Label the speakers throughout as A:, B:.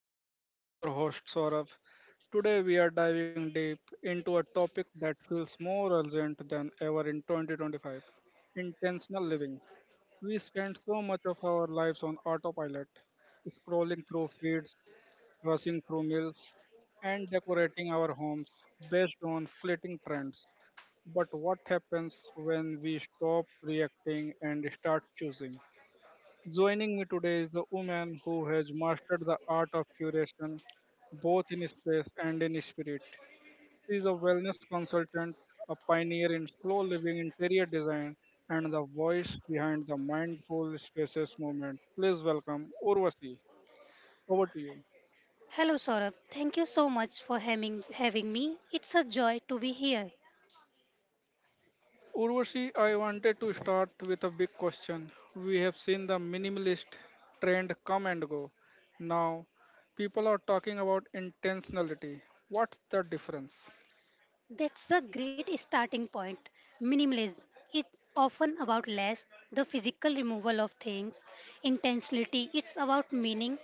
A: Pulse. I am your host, Saurav. Today, we are diving deep into a topic that feels more urgent than ever in 2025, intentional living. We spend so much of our lives on autopilot, scrolling through feeds, rushing through meals, and decorating our homes based on fleeting trends. But what happens when we stop reacting and start choosing? Joining me today is a woman who has mastered the art of curation both in space and in spirit. She is a wellness consultant, a pioneer in slow living interior design, and the voice behind the mindful spaces movement. Please welcome Urvasi. Over to you.
B: Hello, Saurabh. Thank you so much for having me. It's a joy to be here.
A: Urvashi, I wanted to start with a big question. We have seen the minimalist trend come and go. Now, people are talking about intentionality. What's the difference?
B: That's the great starting point. Minimalism. It's often about less, the physical removal of things, intensity. It's about meaning.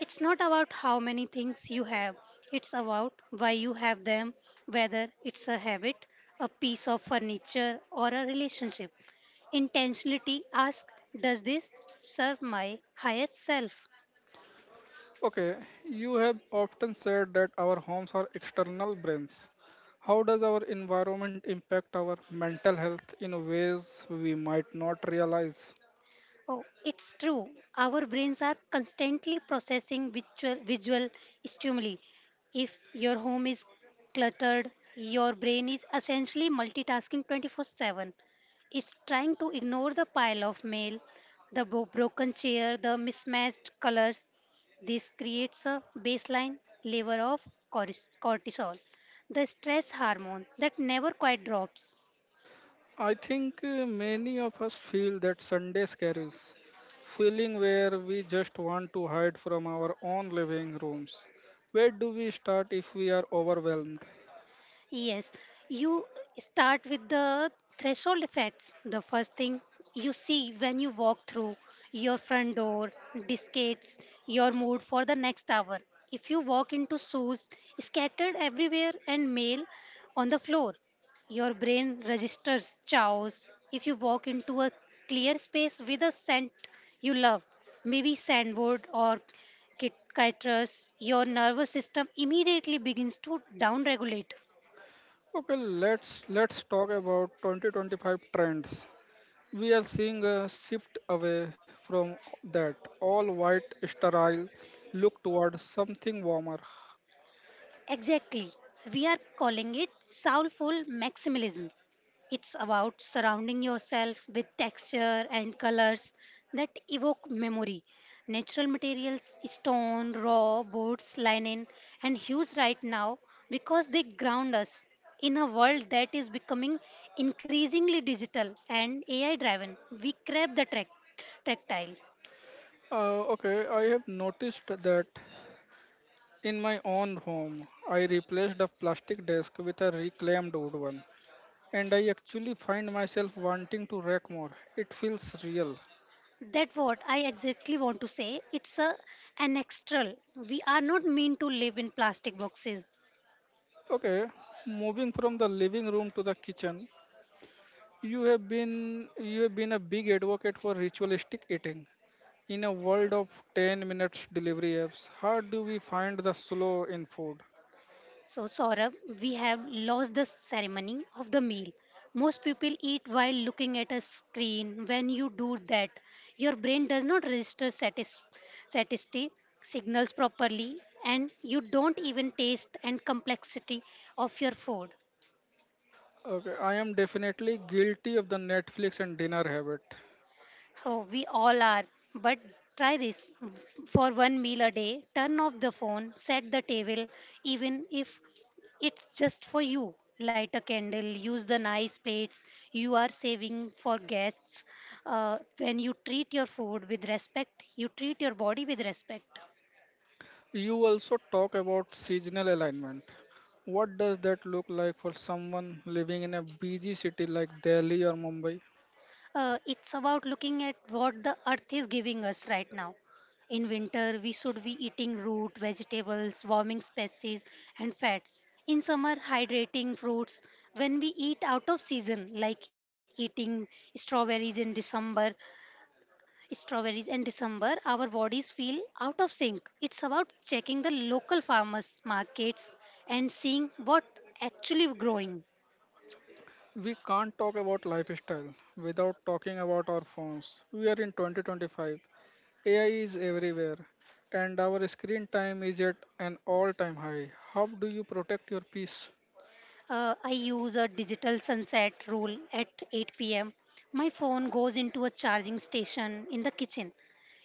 B: It's not about how many things you have, it's about why you have them, whether it's a habit, a piece of furniture, or a relationship. Intentionality asks, does this serve my highest self?
A: Okay, you have often said that our homes are external brains. How does our environment impact our mental health in ways we might not realize?
B: Oh, it's true. Our brains are constantly processing visual stimuli. If your home is cluttered, your brain is essentially multitasking 24 7. It's trying to ignore the pile of mail, broken chair, the mismatched colors. This creates a baseline level of cortisol, the stress hormone that never quite drops.
A: I think many of us feel that Sunday scaries, feeling where we just want to hide from our own living rooms. Where do we start if we are overwhelmed?
B: Yes, you start with the threshold effects. The first thing you see when you walk through your front door dictates your mood for the next hour. If you walk into shoes scattered everywhere and mail on the floor, your brain registers chaos. If you walk into a clear space with a scent you love, maybe sandwood or citrus, your nervous system immediately begins to downregulate.
A: Okay, let's talk about 2025 trends. We are seeing a shift away from that all white sterile look toward something warmer.
B: Exactly. We are calling it soulful maximalism. It's about surrounding yourself with texture and colors that evoke memory. Natural materials, stone, raw, boards, linen, and hues right now because they ground us in a world that is becoming increasingly digital and AI driven. We crave the tactile.
A: Okay, I have noticed that in my own home, I replaced a plastic desk with a reclaimed wood one, and I actually find myself wanting to rack more. It feels real.
B: That what I exactly want to say. It's a an extra. We are not meant to live in plastic boxes.
A: Okay, moving from the living room to the kitchen, you have been a big advocate for ritualistic eating. In a world of 10 minutes delivery apps, how do we find the slow in food?
B: So Saurabh, we have lost the ceremony of the meal. Most people eat while looking at a screen. When you do that, your brain does not register satisty signals properly, and you don't even taste and complexity of your food.
A: Okay, I am definitely guilty of the Netflix and dinner habit.
B: Oh, we all are. But try this for one meal a day. Turn off the phone, set the table, even if it's just for you. Light a candle, use the nice plates you are saving for guests. When you treat your food with respect, you treat your body with respect.
A: You also talk about seasonal alignment. What does that look like for someone living in a busy city like Delhi or Mumbai?
B: It's about looking at what the earth is giving us right now. In winter, we should be eating root, vegetables, warming spices, and fats. In summer, hydrating fruits. When we eat out of season, like eating strawberries in December, strawberries in December, our bodies feel out of sync. It's about checking the local farmers' markets and seeing what actually growing.
A: We can't talk about lifestyle without talking about our phones. We are in 2025. AI is everywhere and our screen time is at an all time high. How do you protect your peace?
B: I use a digital sunset rule at 8 pm. My phone goes into a charging station in the kitchen.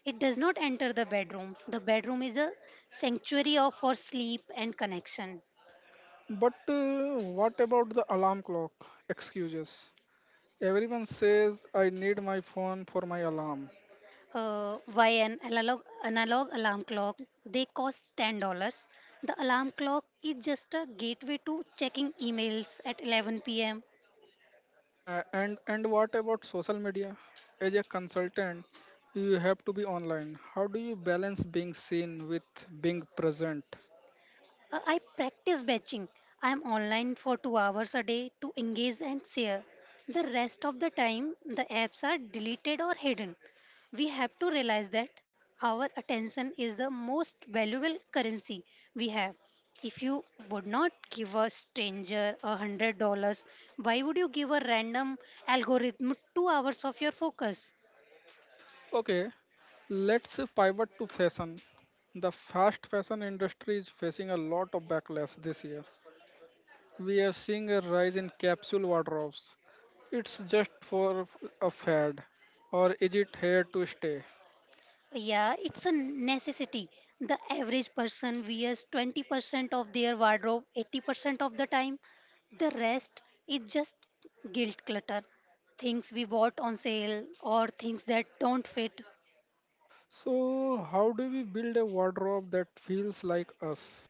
B: It does not enter the bedroom. The bedroom is a sanctuary of, for sleep and connection.
A: But what about the alarm clock excuses? Everyone says I need my phone for my alarm.
B: Why an analog alarm clock? They cost $10. The alarm clock is just a gateway to checking emails at 11 p.m.
A: And what about social media? As a consultant, you have to be online. How do you balance being seen with being present?
B: I practice batching. I am online for 2 hours a day to engage and share. The rest of the time, the apps are deleted or hidden. We have to realize that our attention is the most valuable currency we have. If you would not give a stranger $100, why would you give a random algorithm 2 hours of your focus?
A: Okay, let's pivot to fashion. The fast fashion industry is facing a lot of backlash this year. We are seeing a rise in capsule wardrobes. It's just for a fad, or is it here to stay?
B: Yeah, it's a necessity. The average person wears 20% of their wardrobe 80% of the time. The rest is just guilt clutter, things we bought on sale or things that don't fit.
A: So, how do we build a wardrobe that feels like us?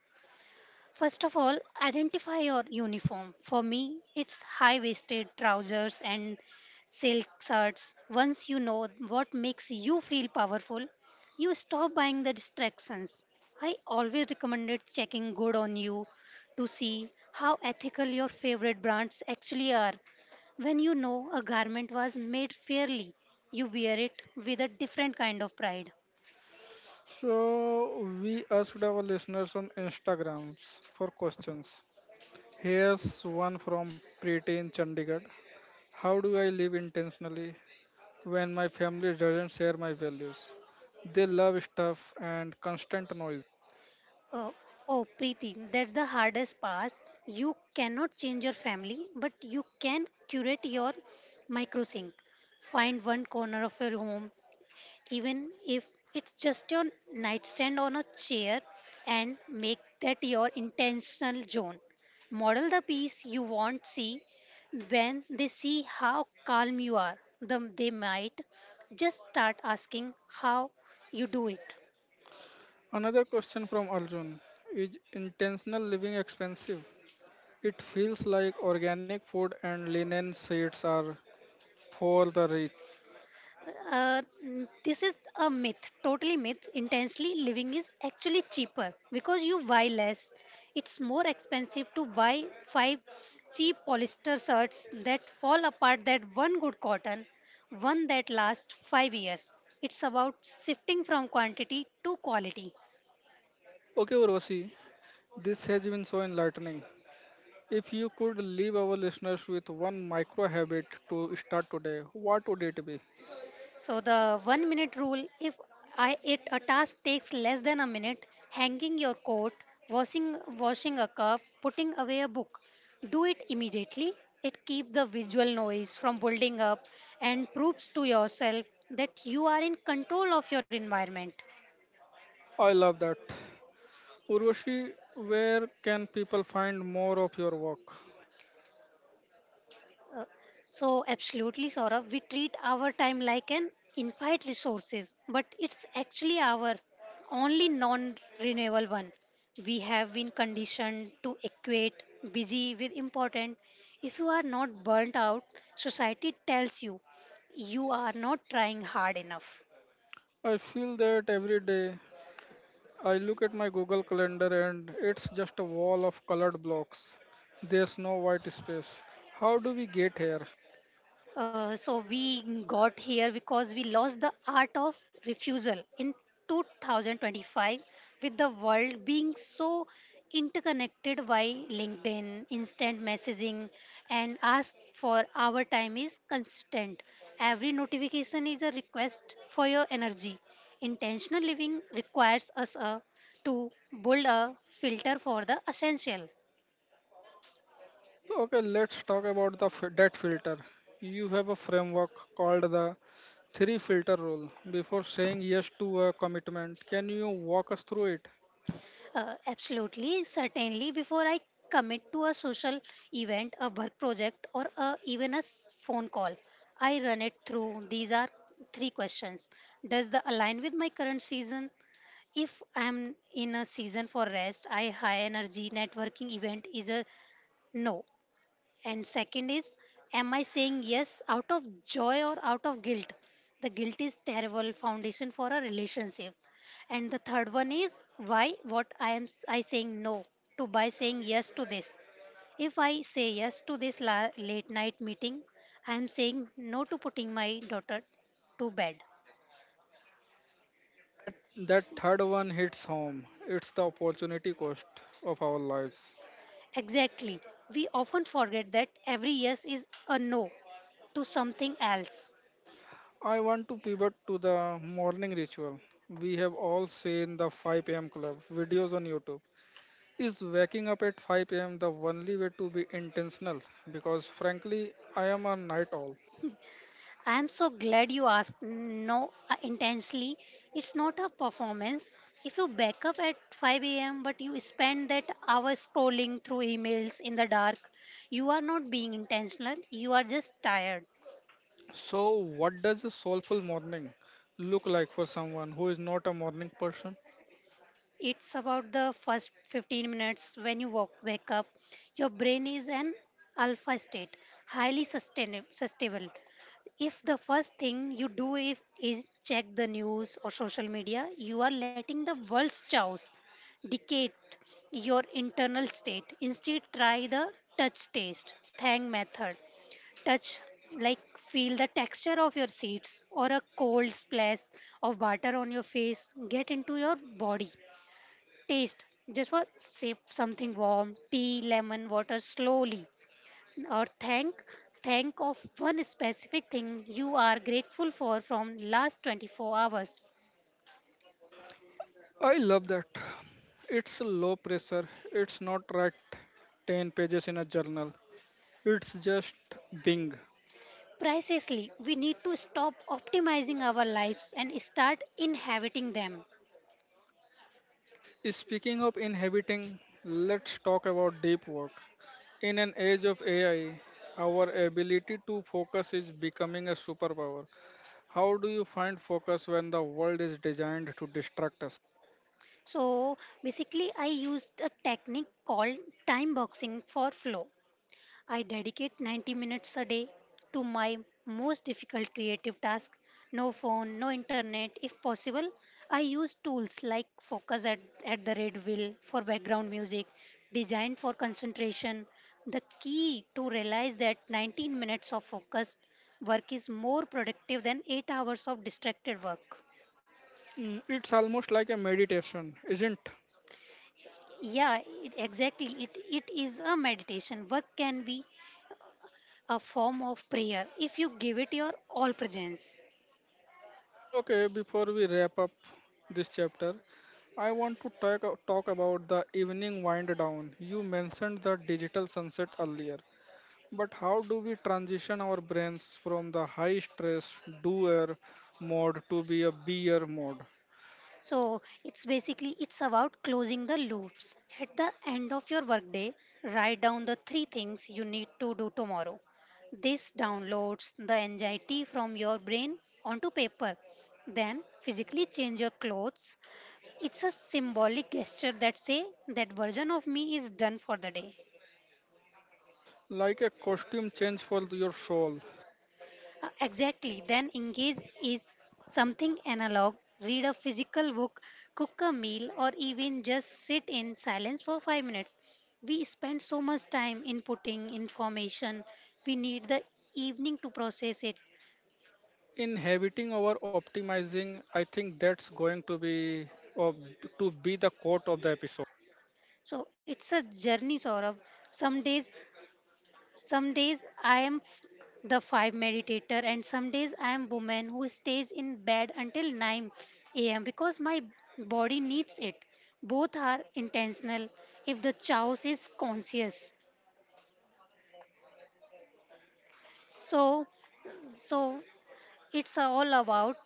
B: First of all, identify your uniform. For me, it's high waisted trousers and silk shirts. Once you know what makes you feel powerful, you stop buying the distractions. I always recommended checking good on you to see how ethical your favorite brands actually are. When you know a garment was made fairly, you wear it with a different kind of pride.
A: So, we asked our listeners on Instagrams for questions. Here's one from Preeti in Chandigarh. How do I live intentionally when my family doesn't share my values? They love stuff and constant noise.
B: Uh, oh, Preeti, that's the hardest part. You cannot change your family, but you can curate your microsync. Find one corner of your home, even if it's just your nightstand on a chair, and make that your intentional zone. Model the peace you want see. When they see how calm you are, them they might just start asking how you do it.
A: Another question from Arjun. Is intentional living expensive? It feels like organic food and linen sheets are for the rich.
B: This is a myth, totally myth. Intensely living is actually cheaper because you buy less. It's more expensive to buy five cheap polyester shirts that fall apart than one good cotton, one that lasts 5 years. It's about shifting from quantity to quality.
A: Okay, Urvashi, this has been so enlightening. If you could leave our listeners with one micro habit to start today, what would it be?
B: So the 1 minute rule if I it a task takes less than a minute, hanging your coat, washing washing a cup, putting away a book, do it immediately. It keeps the visual noise from building up and proves to yourself that you are in control of your environment.
A: I love that. Urvashi, where can people find more of your work?
B: Uh, so absolutely Saurabh, we treat our time like an infinite resources, but it's actually our only non-renewable one. We have been conditioned to equate busy with important. If you are not burnt out, society tells you you are not trying hard enough.
A: I feel that every day I look at my Google Calendar and it's just a wall of colored blocks. There's no white space. How do we get here?
B: So we got here because we lost the art of refusal in 2025 with the world being so interconnected by linkedin instant messaging and ask for our time is constant. Every notification is a request for your energy. Intentional living requires us to build a filter for the essential.
A: So, okay, let's talk about the debt filter. You have a framework called the three filter rule. Before saying yes to a commitment, can you walk us through it?
B: Absolutely, certainly. Before I commit to a social event, a work project, or a, phone call, I run it through. These are three questions. Does the align with my current season? If I'm in a season for rest, I high energy networking event is a no. And second is, am I saying yes out of joy or out of guilt? The guilt is terrible foundation for a relationship. And the third one is why what I am s- I saying no to by saying yes to this. If I say yes to this late night meeting, I am saying no to putting my daughter to bed.
A: That that
B: See,
A: third one hits home. It's the opportunity cost of our lives.
B: exactly. We often forget that every yes is a no to something else.
A: I want to pivot to the morning ritual. We have all seen the 5 a.m. club videos on YouTube. Is waking up at 5 a.m. the only way to be intentional? Because frankly, I am a night owl.
B: I am so glad you asked. No, intentionally, it's not a performance. If you back up at 5 a.m., but you spend that hour scrolling through emails in the dark, you are not being intentional, you are just tired.
A: So, what does a soulful morning look like for someone who is not a morning person?
B: It's about the first 15 minutes when you wake up. Your brain is an alpha state, highly sustainable. If the first thing you do if, is check the news or social media, you are letting the world's chaos dictate your internal state. Instead, try the touch taste, thank method. Touch like feel the texture of your seats or a cold splash of butter on your face get into your body. Taste. Just for sip something warm, tea, lemon water slowly. Or thank of one specific thing you are grateful for from last 24 hours.
A: I love that. It's low pressure, it's not write 10 pages in a journal. It's just being.
B: Precisely, we need to stop optimizing our lives and start inhabiting them.
A: Speaking of inhabiting, let's talk about deep work. In an age of AI, our ability to focus is becoming a superpower. How do you find focus when the world is designed to distract us?
B: So basically I used a technique called time boxing for flow. I dedicate 90 minutes a day to my most difficult creative task. No phone, no internet. If possible, I use tools like Focus at the Red Wheel for background music, designed for concentration. The key to realize that 19 minutes of focused work is more productive than 8 hours of distracted work.
A: Mm, it's almost like a meditation, isn't?
B: Yeah, exactly. It is a meditation. Work can be a form of prayer if you give it your all presence.
A: Mm. Okay, before we wrap up this chapter, I want to talk about the evening wind down. You mentioned the digital sunset earlier. But how do we transition our brains from the high stress doer mode to be a beer mode?
B: So it's basically it's about closing the loops. At the end of your workday, write down the three things you need to do tomorrow. This downloads the anxiety from your brain onto paper. Then physically change your clothes. It's a symbolic gesture that say that version of me is done for the day.
A: Like a costume change for your soul.
B: Exactly. Then engage is something analog. Read a physical book, cook a meal, or even just sit in silence for 5 minutes. We spend so much time inputting information. We need the evening to process it.
A: Inhabiting our optimizing, I think that's going to be of, to be the quote of the episode.
B: So it's a journey, Saurabh. Some days Some days I am the five meditator, and some days I am woman who stays in bed until 9 a.m. because my body needs it. Both are intentional if the chouse is conscious. So, so it's all about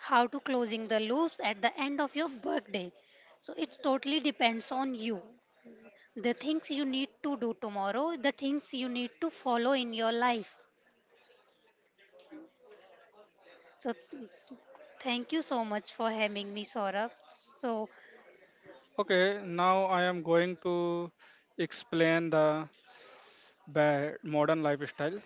B: how to closing the loops at the end of your workday. So it totally depends on you. The things you need to do tomorrow, the things you need to follow in your life. So thank you so much for having me, Saurabh. So,
A: Okay, now I am going to explain the modern lifestyle.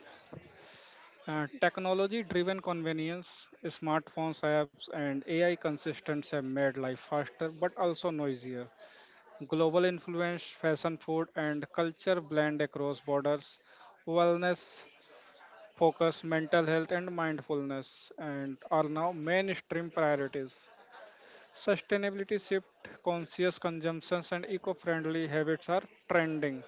A: Technology driven convenience, smartphones, apps, and AI consistence have made life faster but also noisier. Global influence, fashion, food, and culture blend across borders. Wellness, focus, mental health, and mindfulness, and are now mainstream priorities. Sustainability shift, conscious consumptions, and eco-friendly habits are trending.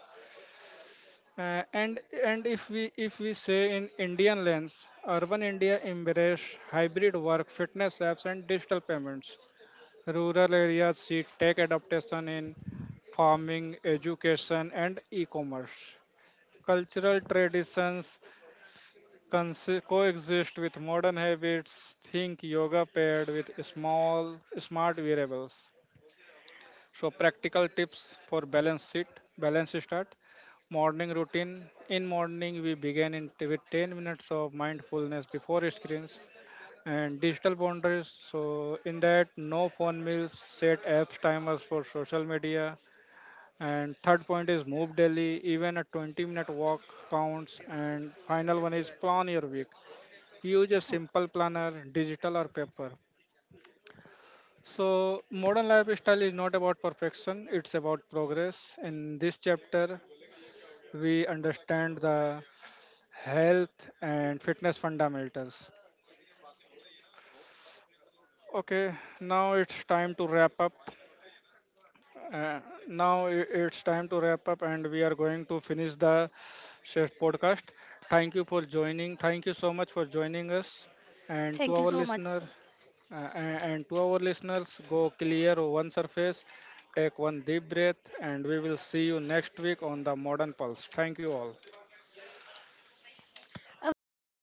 A: Uh, and and if we say in Indian lens, urban India embrace hybrid work, fitness apps, and digital payments. Rural areas see tech adaptation in farming, education, and e commerce. Cultural traditions coexist with modern habits. Think yoga paired with small, smart variables. So, practical tips for balance start. Morning routine. In morning, we begin in with 10 minutes of mindfulness before screens and digital boundaries. So, in that, no phone meals, set apps timers for social media, and third point is move daily, even a 20-minute walk counts. And final one is plan your week. Use a simple planner, digital or paper. So, modern lifestyle is not about perfection, it's about progress. In this chapter, we understand the health and fitness fundamentals. Okay, now it's time to wrap up. Uh, it's time to wrap up, and we are going to finish the chef podcast. Thank you for joining. Thank you so much for joining us, and to
B: thank you
A: our
B: so
A: listener,
B: much.
A: uh, a- and to our listeners, go clear one surface, take one deep breath, and we will see you next week on the Modern Pulse. Thank you all.
B: अब यार